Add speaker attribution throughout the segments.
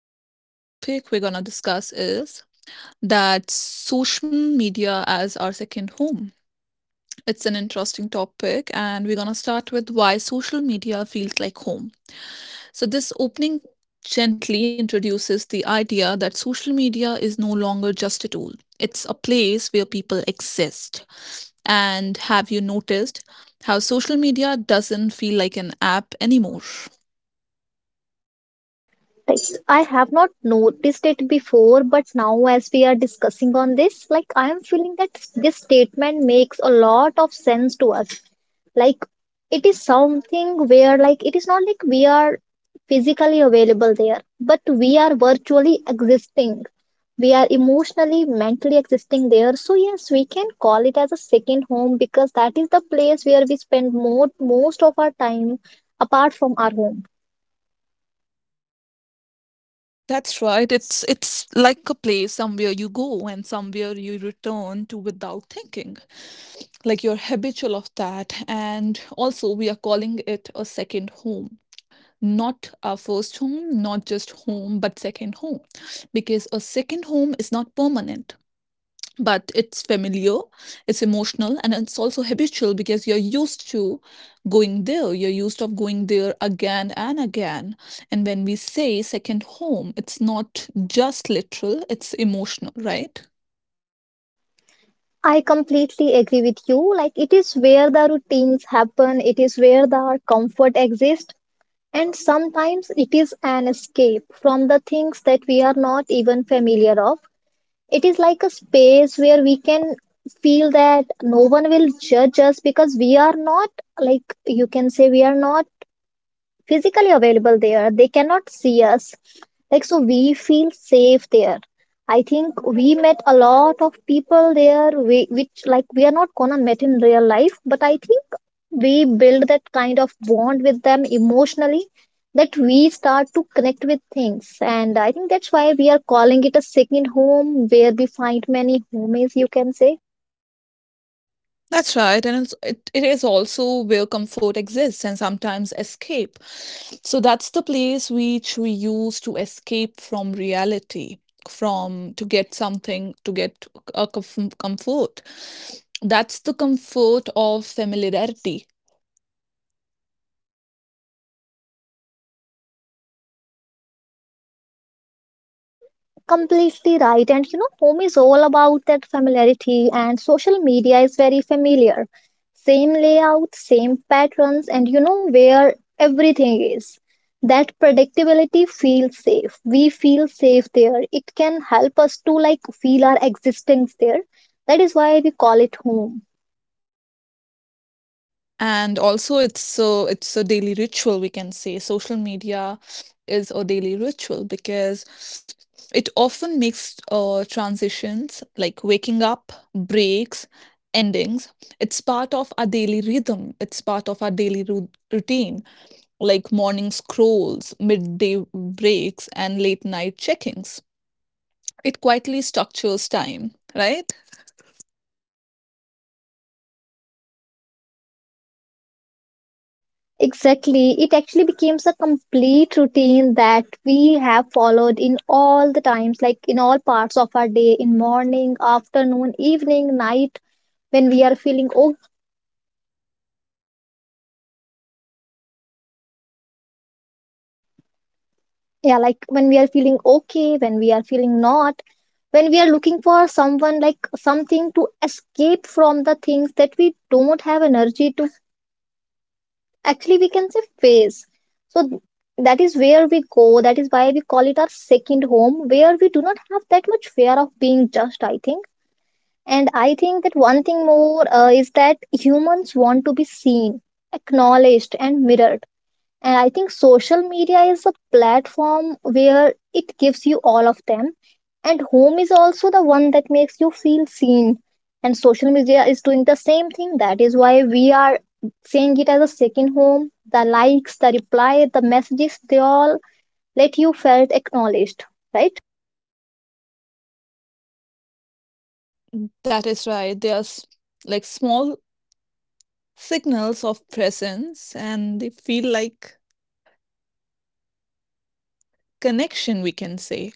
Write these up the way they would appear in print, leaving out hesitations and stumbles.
Speaker 1: So the topic we're gonna discuss is that social media as our second home. It's an interesting topic, and we're gonna start with why social media feels like home. So this opening gently introduces the idea that social media is no longer just a tool. It's a place where people exist. And have you noticed how social media doesn't feel like an app anymore?
Speaker 2: Yes, I have not noticed it before, but now as we are discussing on this, I am feeling that this statement makes a lot of sense to us. Like, it is something where, like, it is not like we are physically available there, but we are virtually existing. We are emotionally, mentally existing there. So yes, we can call it as a second home because that is the place where we spend more most of our time apart from our home.
Speaker 1: That's right. It's like a place somewhere you go and somewhere you return to without thinking. Like you're habitual of that. And also we are calling it a second home. Not our first home, not just home, but second home. Because a second home is not permanent but it's familiar, it's emotional, and it's also habitual because you're used to going there. You're used of going there again and again. And when we say second home, it's not just literal, it's emotional, right?
Speaker 2: I completely agree with you. Like, it is where the routines happen, it is where the comfort exists, and sometimes it is an escape from the things that we are not even familiar of. It is like a space where we can feel that no one will judge us because we are not, like, you can say, we are not physically available there, they cannot see us, like, so we feel safe there. I think we met a lot of people there, we, which like we are not gonna met in real life, but I think we build that kind of bond with them emotionally, that we start to connect with things, and I think that's why we are calling it a second home where we find many homies, you can say.
Speaker 1: That's right, and it is also where comfort exists and sometimes escape. So that's the place which we use to escape from reality, from to get something, to get a comfort. That's the comfort of familiarity.
Speaker 2: Completely right, and you know home is all about that familiarity, and social media is very familiar, same layout, same patterns, and you know where everything is. That predictability feels safe, we feel safe there, it can help us to, like, feel our existence there. That is why we call it home.
Speaker 1: And also it's so it's a daily ritual, we can say. Social media is a daily ritual because it often makes transitions like waking up, breaks, endings. It's part of our daily rhythm, it's part of our daily routine, like morning scrolls, midday breaks, and late night checkings. It quietly structures time, right?
Speaker 2: Exactly. It actually becomes a complete routine that we have followed in all the times, like in all parts of our day, in morning, afternoon, evening, night, when we are feeling, oh yeah, like when we are feeling okay, when we are feeling not, when we are looking for someone, like something to escape from the things that we don't have energy to, actually we can say phase. so th- that is where we go, that is why we call it our second home where we do not have that much fear of being judged, I think. And I think that one thing more is that humans want to be seen, acknowledged, and mirrored. And I think social media is a platform where it gives you all of them. And home is also the one that makes you feel seen, and social media is doing the same thing. That is why we are seeing it as a second home. The likes, the reply, the messages, they all let you felt acknowledged, right?
Speaker 1: That is right. There's like small signals of presence and they feel like connection, we can say.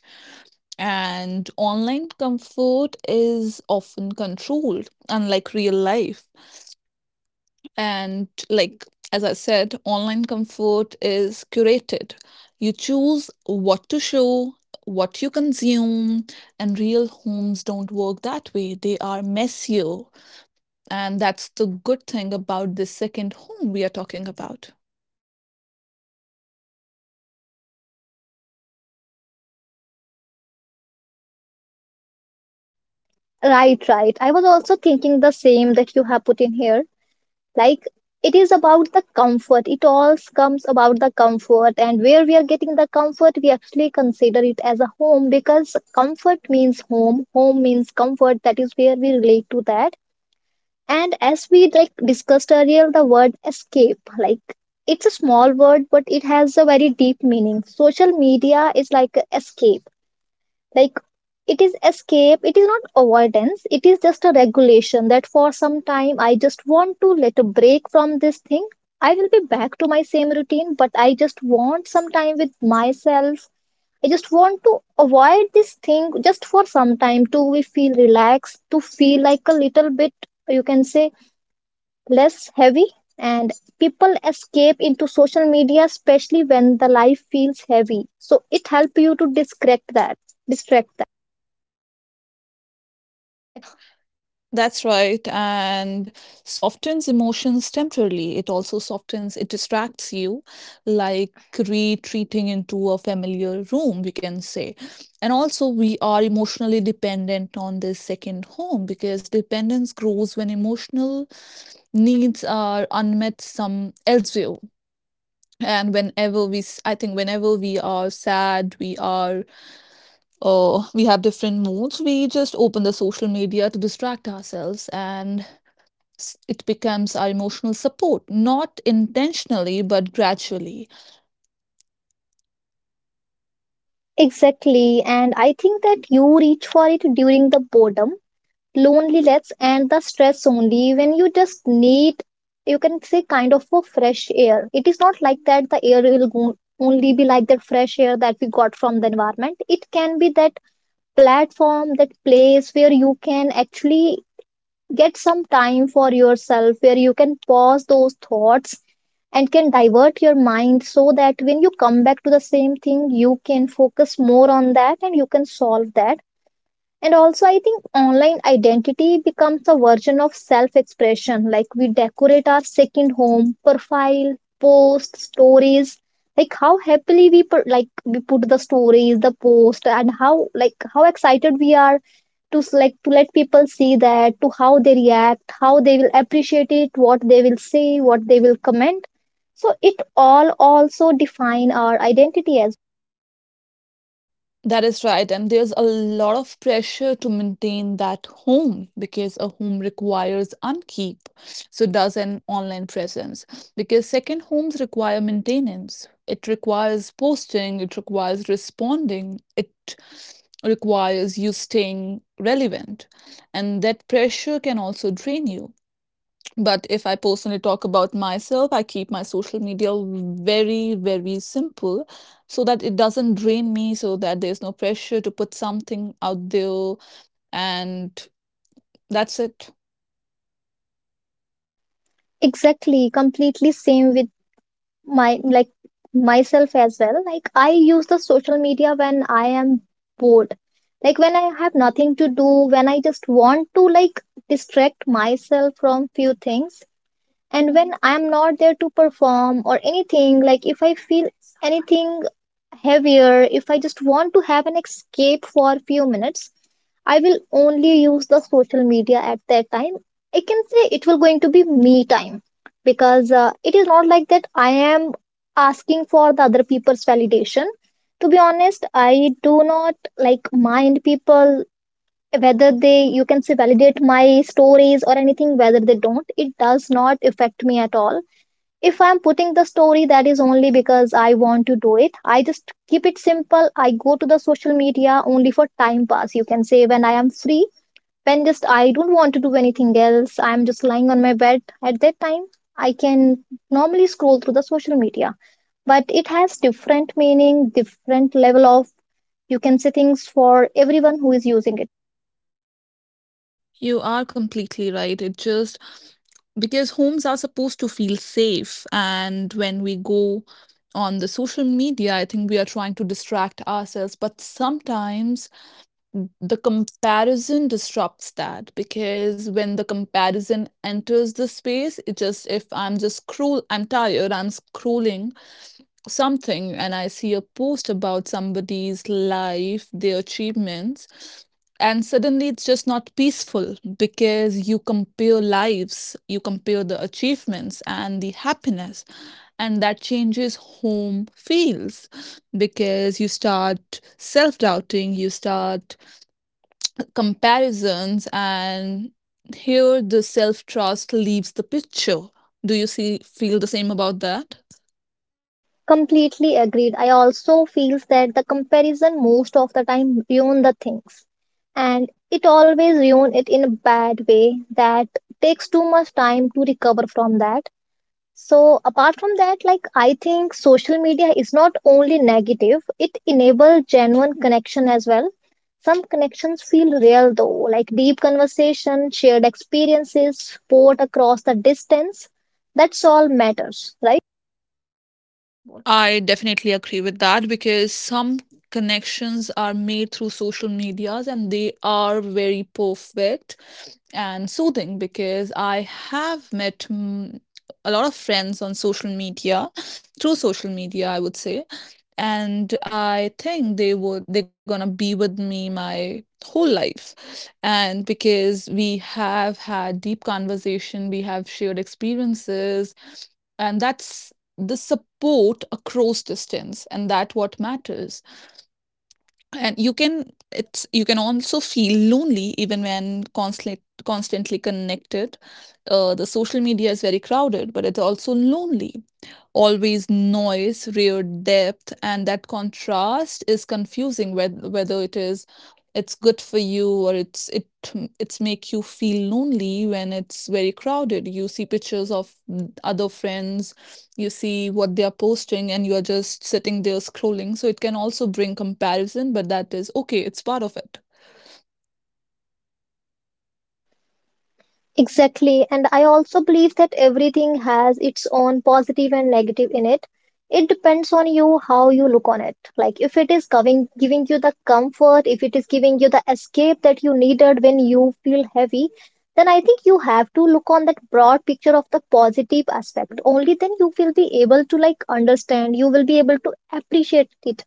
Speaker 1: And online comfort is often controlled, unlike real life. And like, as I said, online comfort is curated. You choose what to show, what you consume, and real homes don't work that way. They are messier, and that's the good thing about this second home we are talking about.
Speaker 2: Right, I was also thinking the same that you have put in here. Like, it is about the comfort, it all comes about the comfort, and where we are getting the comfort we actually consider it as a home, because comfort means home, home means comfort. That is where we relate to that. And as we, like, discussed earlier, the word escape, like, it's a small word but it has a very deep meaning. Social media is like a escape. Like, it is escape, it is not avoidance, it is just a regulation, that for some time I just want to let a break from this thing. I will be back to my same routine, but I just want some time with myself. I just want to avoid this thing just for some time, to we feel relaxed, to feel, like, a little bit, you can say, less heavy. And people escape into social media especially when the life feels heavy, so it helps you to distract that, distract.
Speaker 1: That's right, and softens emotions temporarily. It also softens, it distracts you, like retreating into a familiar room, we can say. And also, we are emotionally dependent on this second home because dependence grows when emotional needs are unmet some elsewhere. And whenever we, I think, whenever we are sad, we are we have different moods, we just open the social media to distract ourselves. And it becomes our emotional support, not intentionally, but gradually.
Speaker 2: Exactly, and I think that you reach for it during the boredom, loneliness, and the stress only when you just need, you can say, kind of a fresh air. It is not like that the air will go, only be like that fresh air that we got from the environment. It can be that platform, that place where you can actually get some time for yourself, where you can pause those thoughts and can divert your mind, so that when you come back to the same thing, you can focus more on that and you can solve that. And also, I think online identity becomes a version of self expression. Like, we decorate our second home, profile, post, stories. Like how happily we put, like we put the stories, the post, and how, like how excited we are like to let people see that, to how they react, how they will appreciate it, what they will say, what they will comment. So it all also define our identity as.
Speaker 1: That is right. And there's a lot of pressure to maintain that home because a home requires upkeep. So does an online presence. Because second homes require maintenance. It requires posting, it requires responding, it requires you staying relevant. And that pressure can also drain you. But if I personally talk about myself, I keep my social media very, very simple so that it doesn't drain me, so that there's no pressure to put something out there. And that's it.
Speaker 2: Exactly, completely same with my, like, myself as well. Like, I use the social media when I am bored, like when I have nothing to do, when I just want to, like, distract myself from few things, and when I'm not there to perform or anything, like, if I feel anything heavier, if I just want to have an escape for few minutes, I will only use the social media at that time. I can say it will going to be me time, because it is not like that I am asking for the other people's validation. To be honest, I do not like mind people whether they, you can say, validate my stories or anything, whether they don't, it does not affect me at all. If I'm putting the story, that is only because I want to do it. I just keep it simple. I go to the social media only for time pass, you can say, when I am free, when just I don't want to do anything else, I'm just lying on my bed. At that time, I can normally scroll through the social media, but it has different meaning, different level of, you can say, things for everyone who is using it.
Speaker 1: You are completely right. It just because homes are supposed to feel safe. And when we go on the social media, I think we are trying to distract ourselves. But sometimes the comparison disrupts that because when the comparison enters the space, it just if I'm just scroll, I'm tired, I'm scrolling something, and I see a post about somebody's life, their achievements, and suddenly it's just not peaceful because you compare lives, you compare the achievements and the happiness, and that changes home feels because you start self doubting, you start comparisons, and here the self trust leaves the picture. Do you see feel the same about that?
Speaker 2: Completely agreed. I also feels that the comparison most of the time ruin the things, and it always ruin it in a bad way, that takes too much time to recover from that. So apart from that, like, I think social media is not only negative, it enables genuine connection as well. Some connections feel real though, like deep conversation, shared experiences, support across the distance. That's all matters, right?
Speaker 1: I definitely agree with that because some connections are made through social medias and they are very perfect and soothing because I have met a lot of friends on social media, through social media, I would say. And I think they would they're gonna be with me my whole life. And because we have had deep conversation, we have shared experiences, and that's the support across distance and that what matters. And you can it's you can also feel lonely even when constantly connected. The social media is very crowded but it's also lonely, always noise rare depth, and that contrast is confusing whether it is it's good for you or it it's make you feel lonely when it's very crowded. You see pictures of other friends, you see what they are posting and you are just sitting there scrolling. So it can also bring comparison, but that is okay, it's part of it.
Speaker 2: Exactly. And I also believe that everything has its own positive and negative in it. It depends on you how you look on it. Like, if it is giving you the comfort, if it is giving you the escape that you needed when you feel heavy, then I think you have to look on that broad picture of the positive aspect. Only then you will be able to, like, understand, you will be able to appreciate it.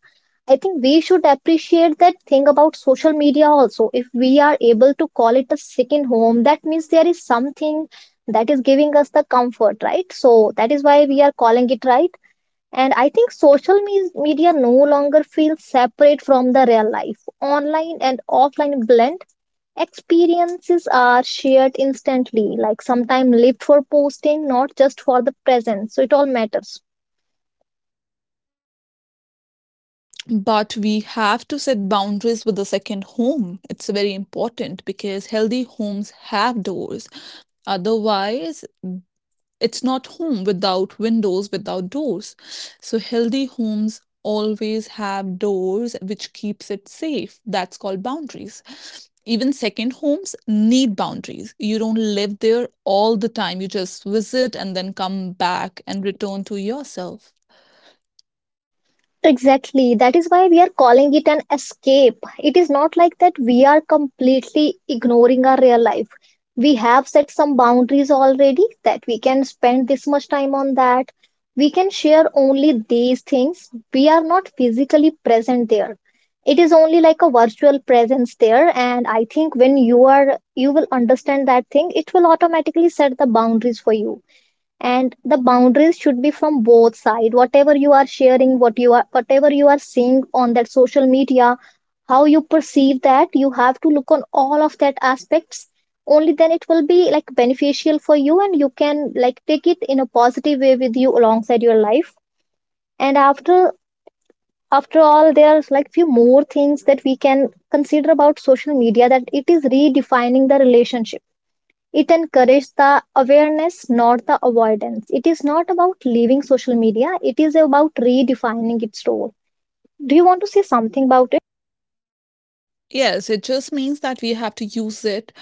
Speaker 2: I think we should appreciate that thing about social media also. If we are able to call it a second home, that means there is something that is giving us the comfort, right? So that is why we are calling it, right. And I think social media no longer feels separate from the real life. Online and offline blend, experiences are shared instantly, like sometimes lived for posting, not just for the present. So it all matters.
Speaker 1: But we have to set boundaries with the second home. It's very important because healthy homes have doors. Otherwise, it's not home without windows, without doors. So healthy homes always have doors which keeps it safe. That's called boundaries. Even second homes need boundaries. You don't live there all the time. You just visit and then come back and return to yourself.
Speaker 2: Exactly. That is why we are calling it an escape. It is not like that we are completely ignoring our real life. We have set some boundaries already that we can spend this much time on that. We can share only these things. We are not physically present there. It is only like a virtual presence there. And I think when you are, you will understand that thing, it will automatically set the boundaries for you. And the boundaries should be from both side, whatever you are sharing, what you are, whatever you are seeing on that social media, how you perceive that, you have to look on all of that aspects. Only then it will be, like, beneficial for you, and you can, like, take it in a positive way with you alongside your life. And after all, there's, like, few more things that we can consider about social media, that it is redefining the relationship. It encourages the awareness, not the avoidance. It is not about leaving social media, it is about redefining its role. Do you want to say something about it?
Speaker 1: Yes, it just means that we have to use it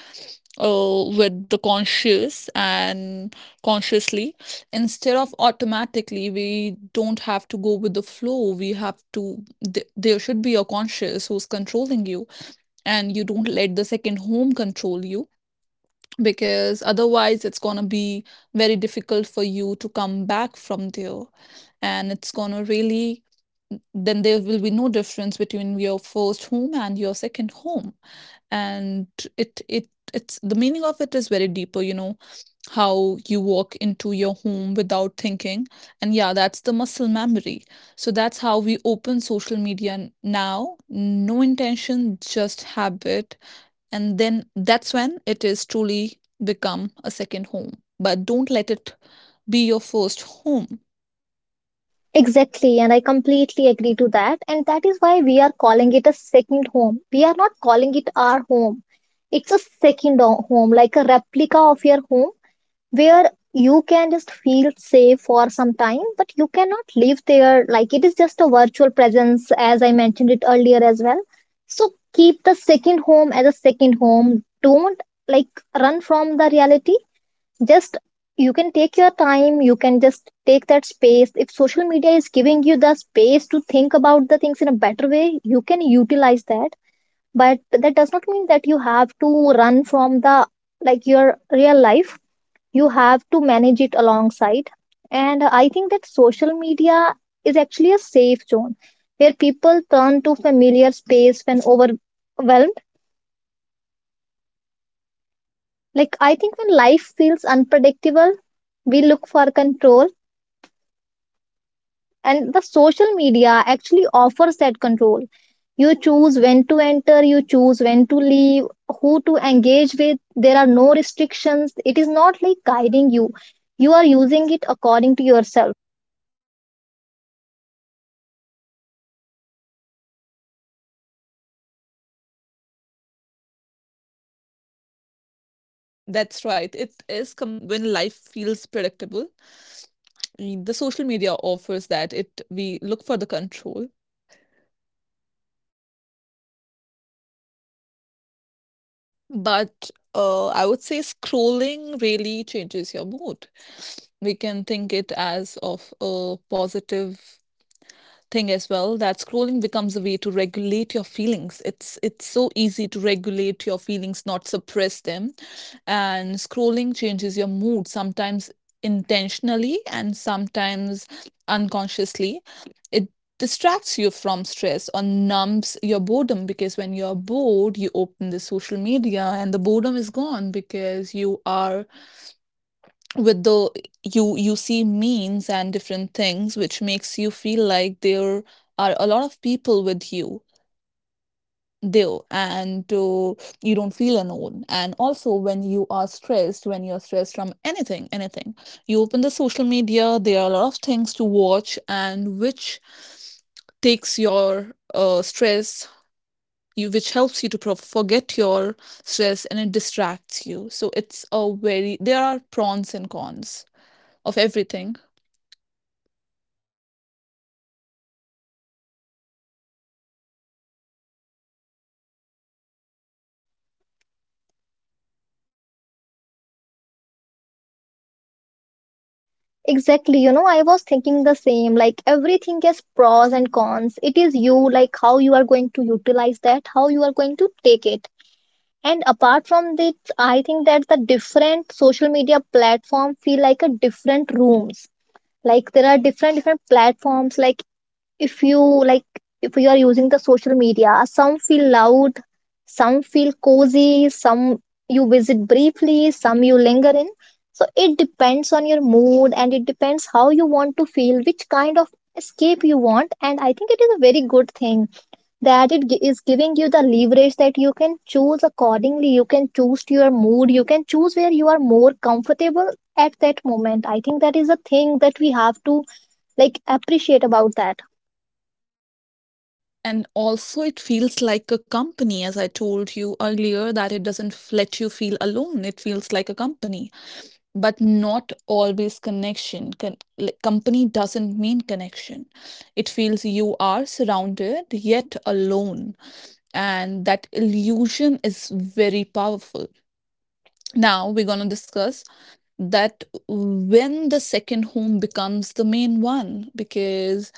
Speaker 1: with the conscious and consciously. Instead of automatically, we don't have to go with the flow. We have to, there should be a conscious who's controlling you, and you don't let the second home control you because otherwise it's going to be very difficult for you to come back from there, and it's going to really then there will be no difference between your first home and your second home. And it it's the meaning of it is very deeper, you know, how you walk into your home without thinking. And yeah, that's the muscle memory. So that's how we open social media now, no intention, just habit. And then that's when it is truly become a second home, but don't let it be your first home.
Speaker 2: Exactly, and I completely agree to that. And that is why we are calling it a second home. We are not calling it our home, it's a second home, like a replica of your home where you can just feel safe for some time, but you cannot live there. Like, it is just a virtual presence, as I mentioned it earlier as well. So keep the second home as a second home. Don't like run from the reality. Just, you can take your time, you can just take that space. If social media is giving you the space to think about the things in a better way, you can utilize that. But that does not mean that you have to run from the, like, your real life. You have to manage it alongside. And I think that social media is actually a safe zone where people turn to familiar space when overwhelmed. Like, I think when life feels unpredictable, we look for control, and the social media actually offers that control. You choose when to enter, you choose when to leave, who to engage with. There are no restrictions, it is not like guiding you. You are using it according to yourself.
Speaker 1: That's right. It is when life feels predictable. The social media offers that it we look for the control. But I would say scrolling really changes your mood. We can think it as of a positive thing as well, that scrolling becomes a way to regulate your feelings. It's so easy to regulate your feelings, not suppress them. And scrolling changes your mood sometimes intentionally and sometimes unconsciously. It distracts you from stress or numbs your boredom, because when you're bored you open the social media and the boredom is gone because you are with the you see memes and different things which makes you feel like there are a lot of people with you there. And you don't feel alone. And also when you are stressed, when you're stressed from anything, you open the social media, there are a lot of things to watch and which takes your stress, you which helps you to forget your stress and it distracts you. So it's a very there are pros and cons of everything.
Speaker 2: Exactly, you know, I was thinking the same. Like, everything has pros and cons. It is you, like how you are going to utilize that, how you are going to take it. And apart from this, I think that the different social media platform feel like a different rooms. Like, there are different platforms. Like, if you, like, if you are using the social media, some feel loud, some feel cozy, some you visit briefly, some you linger in. So it depends on your mood, and it depends how you want to feel, which kind of escape you want. And I think it is a very good thing that it is giving you the leverage, that you can choose accordingly, you can choose to your mood, you can choose where you are more comfortable at that moment. I think that is a thing that we have to, like, appreciate about that.
Speaker 1: And also, it feels like a company, as I told you earlier, that it doesn't let you feel alone. It feels like a company, but not always connection. Like, company doesn't mean connection. It feels you are surrounded yet alone. And that illusion is very powerful. Now we're going to discuss that when the second home becomes the main one because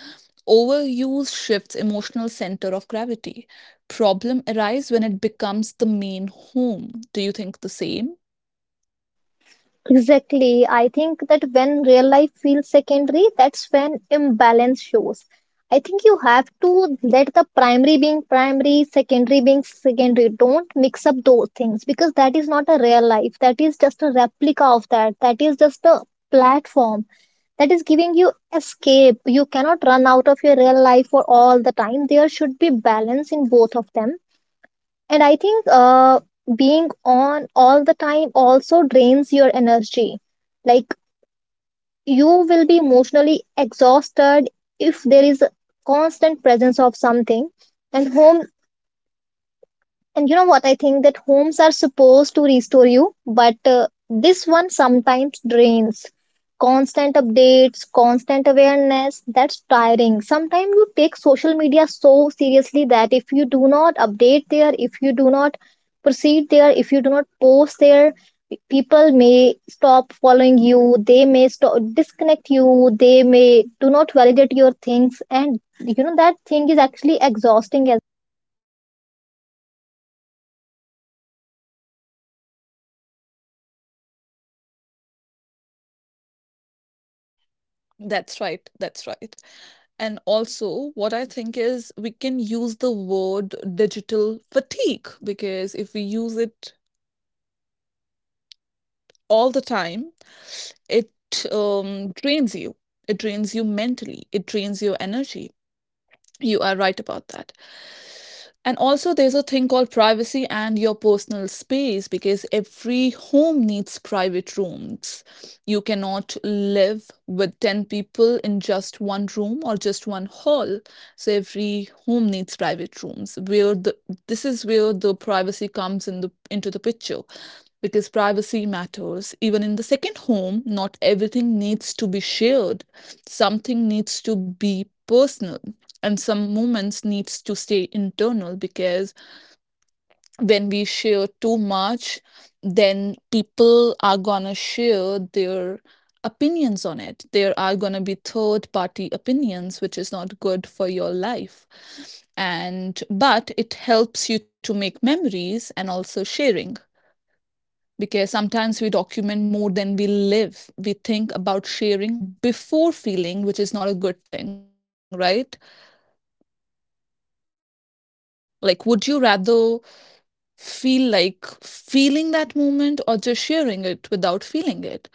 Speaker 1: overuse shifts emotional center of gravity. Problem arise when it becomes the main home. Do you think the same?
Speaker 2: Exactly. I think that when real life feels secondary, that's when imbalance shows. I think you have to let the primary being primary, secondary being secondary. Don't mix up those things, because that is not a real life. That is just a replica of that. That is just a platform that is giving you escape. You cannot run out of your real life for all the time. There should be balance in both of them. And I think being on all the time also drains your energy. Like, you will be emotionally exhausted if there is a constant presence of something. And home, and you know what? I think that homes are supposed to restore you, but this one sometimes drains. Constant updates, constant awareness, that's tiring. Sometimes you take social media so seriously that if you do not update there, if you do not proceed there, if you do not post there, people may stop following you, they may stop disconnect you, they may do not validate your things, and you know that thing is actually exhausting.
Speaker 1: That's right. That's right. And also, what I think is we can use the word digital fatigue because if we use it all the time, it drains you. It drains you mentally. It drains your energy. You are right about that. And also, there's a thing called privacy and your personal space because every home needs private rooms. You cannot live with 10 people in just one room or just one hall. So every home needs private rooms where the this is where the privacy comes in the into the picture, because privacy matters. Even in the second home, not everything needs to be shared. Something needs to be personal and some moments needs to stay internal, because when we share too much, then people are going to share their opinions on it, there are going to be third party opinions which is not good for your life. And but it helps you to make memories and also sharing, because sometimes we document more than we live, we think about sharing before feeling, which is not a good thing, right? Like would you rather feel like feeling that moment or just sharing it without feeling it?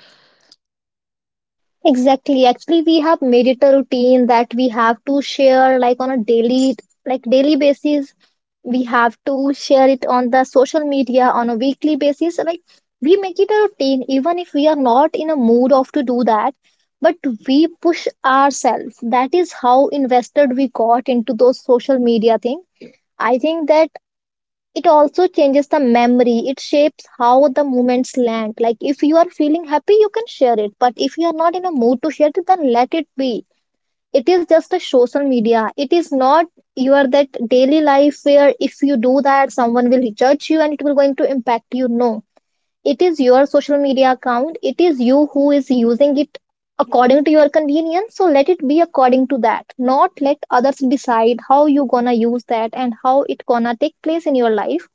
Speaker 2: Exactly. Actually, we have made it a routine that we have to share, like, on a daily, like, daily basis. We have to share it on the social media on a weekly basis. Like, we make it a routine even if we are not in a mood of to do that, but we push ourselves. That is how invested we got into those social media thing. I think that it also changes the memory, it shapes how the moments land. Like, if you are feeling happy, you can share it, but if you are not in a mood to share it, then let it be. It is just a social media, it is not your that daily life where if you do that, someone will judge you and it will going to impact you. No, it is your social media account, it is you who is using it according to your convenience. So let it be according to that, not let others decide how you gonna use that and how it gonna take place in your life.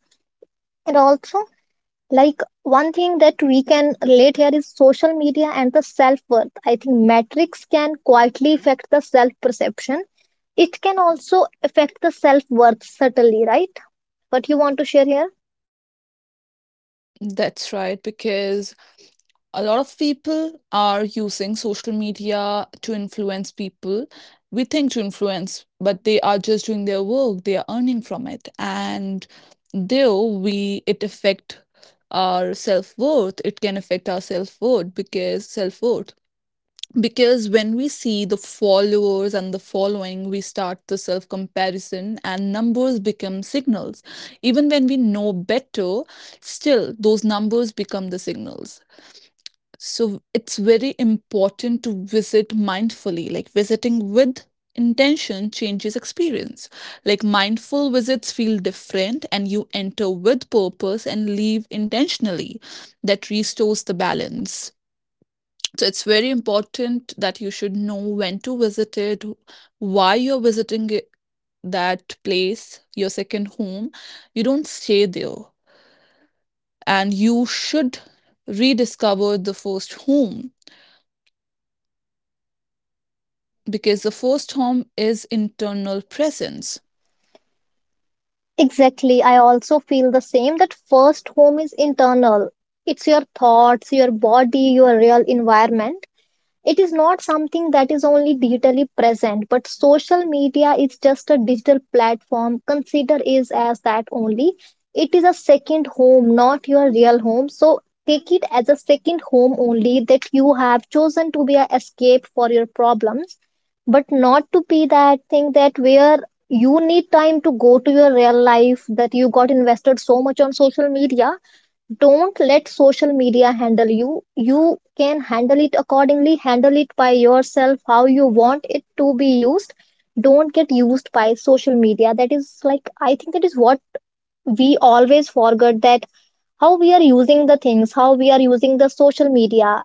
Speaker 2: And also, like, one thing that we can relate here is social media and the self worth. I think metrics can quietly affect the self perception. It can also affect the self worth subtly, right? What you want to share here?
Speaker 1: That's right, because a lot of people are using social media to influence people. We think to influence, but they are just doing their work, they are earning from it. And though we it affect our self worth, it can affect our self worth because when we see the followers and the following, we start the self comparison and numbers become signals, even when we know better. Still those numbers become the signals. So it's very important to visit mindfully, like visiting with intention changes experience. Like mindful visits feel different and you enter with purpose and leave intentionally. That restores the balance. So it's very important that you should know when to visit it, why you're visiting it, that place, your second home. You don't stay there. And you should rediscover the first home because the first home is internal presence.
Speaker 2: Exactly. I also feel the same that first home is internal. It's your thoughts, your body, your real environment. It is not something that is only digitally present, but social media is just a digital platform. Consider is as that only. It is a second home, not your real home. So take it as a second home only, that you have chosen to be a escape for your problems, but not to be that thing that where you need time to go to your real life, that you got invested so much on social media. Don't let social media handle you, you can handle it accordingly, handle it by yourself, how you want it to be used. Don't get used by social media. That is, like, I think that is what we always forget, that how we are using the things, how we are using the social media.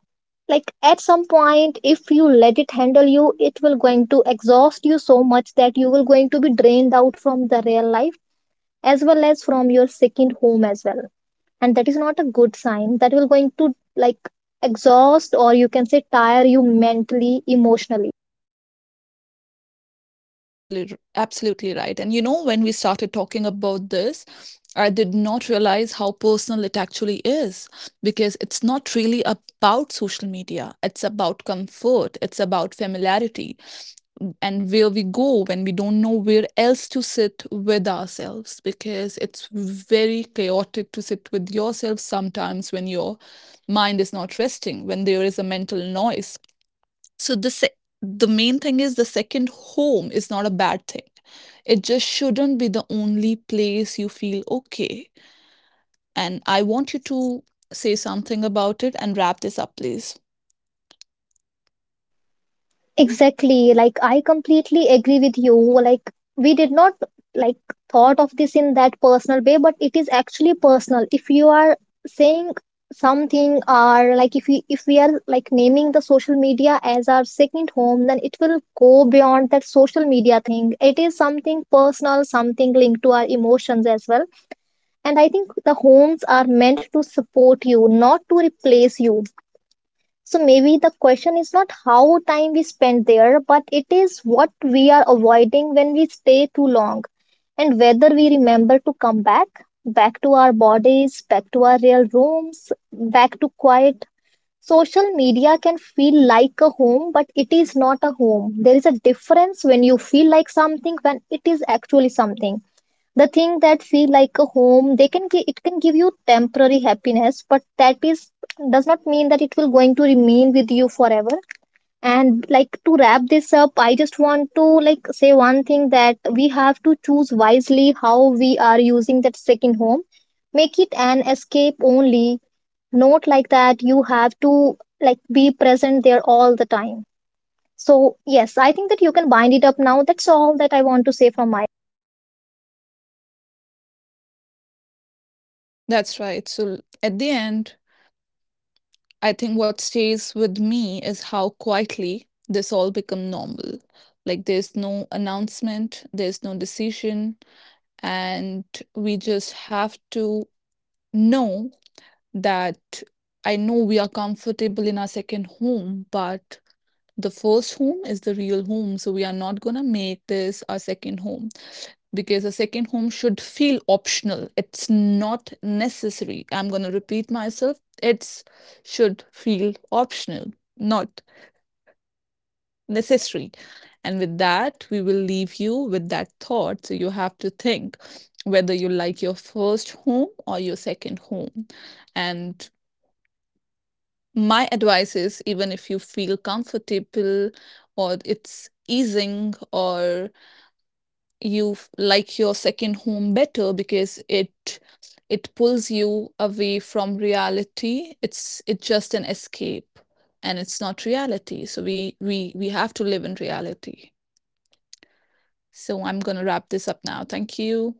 Speaker 2: Like, at some point, if you let it handle you, it will going to exhaust you so much that you will going to be drained out from the real life as well as from your second home as well. And that is not a good sign, that will going to, like, exhaust or you can say tire you mentally, emotionally.
Speaker 1: That's absolutely absolutely right. And you know, when we started talking about this, I did not realize how personal it actually is because it's not really about social media. It's about comfort, it's about familiarity, and where we go when we don't know where else to sit with ourselves, because it's very chaotic to sit with yourself sometimes when your mind is not resting, when there is a mental noise. So the main thing is the second home is not a bad thing. It just shouldn't be the only place you feel okay. And I want you to say something about it and wrap this up, please.
Speaker 2: Exactly, like, I completely agree with you. Like, we did not, like, thought of this in that personal way, but it is actually personal. If you are saying something, or like, if we are, like, naming the social media as our second home, then it will go beyond that social media thing. It is something personal, something linked to our emotions as well. And I think the homes are meant to support you, not to replace you. So maybe the question is not how time we spend there, but it is what we are avoiding when we stay too long, and whether we remember to come back, back to our bodies, back to our real rooms, back to quiet. Social media can feel like a home, but it is not a home. There is a difference when you feel like something, when it is actually something. The thing that feel like a home, it can give you temporary happiness, but that is does not mean that it will going to remain with you forever. And, like, to wrap this up, I just want to, like, say one thing, that we have to choose wisely how we are using that second home. Make it an escape only, not like that you have to, like, be present there all the time. So yes, I think that you can bind it up now. That's all that I want to say from my
Speaker 1: That's right. So at the end, I think what stays with me is how quietly this all become normal. Like there's no announcement, there's no decision, and we just have to know that I know we are comfortable in our second home, but the first home is the real home, so we are not going to make this our second home because a second home should feel optional. It's not necessary. I'm going to repeat myself. It's should feel optional, not necessary. And with that, we will leave you with that thought. So you have to think whether you like your first home or your second home. And my advice is even if you feel comfortable or it's easing or you like your second home better because it pulls you away from reality. It's just an escape and it's not reality, so we have to live in reality. So I'm going to wrap this up now. Thank you.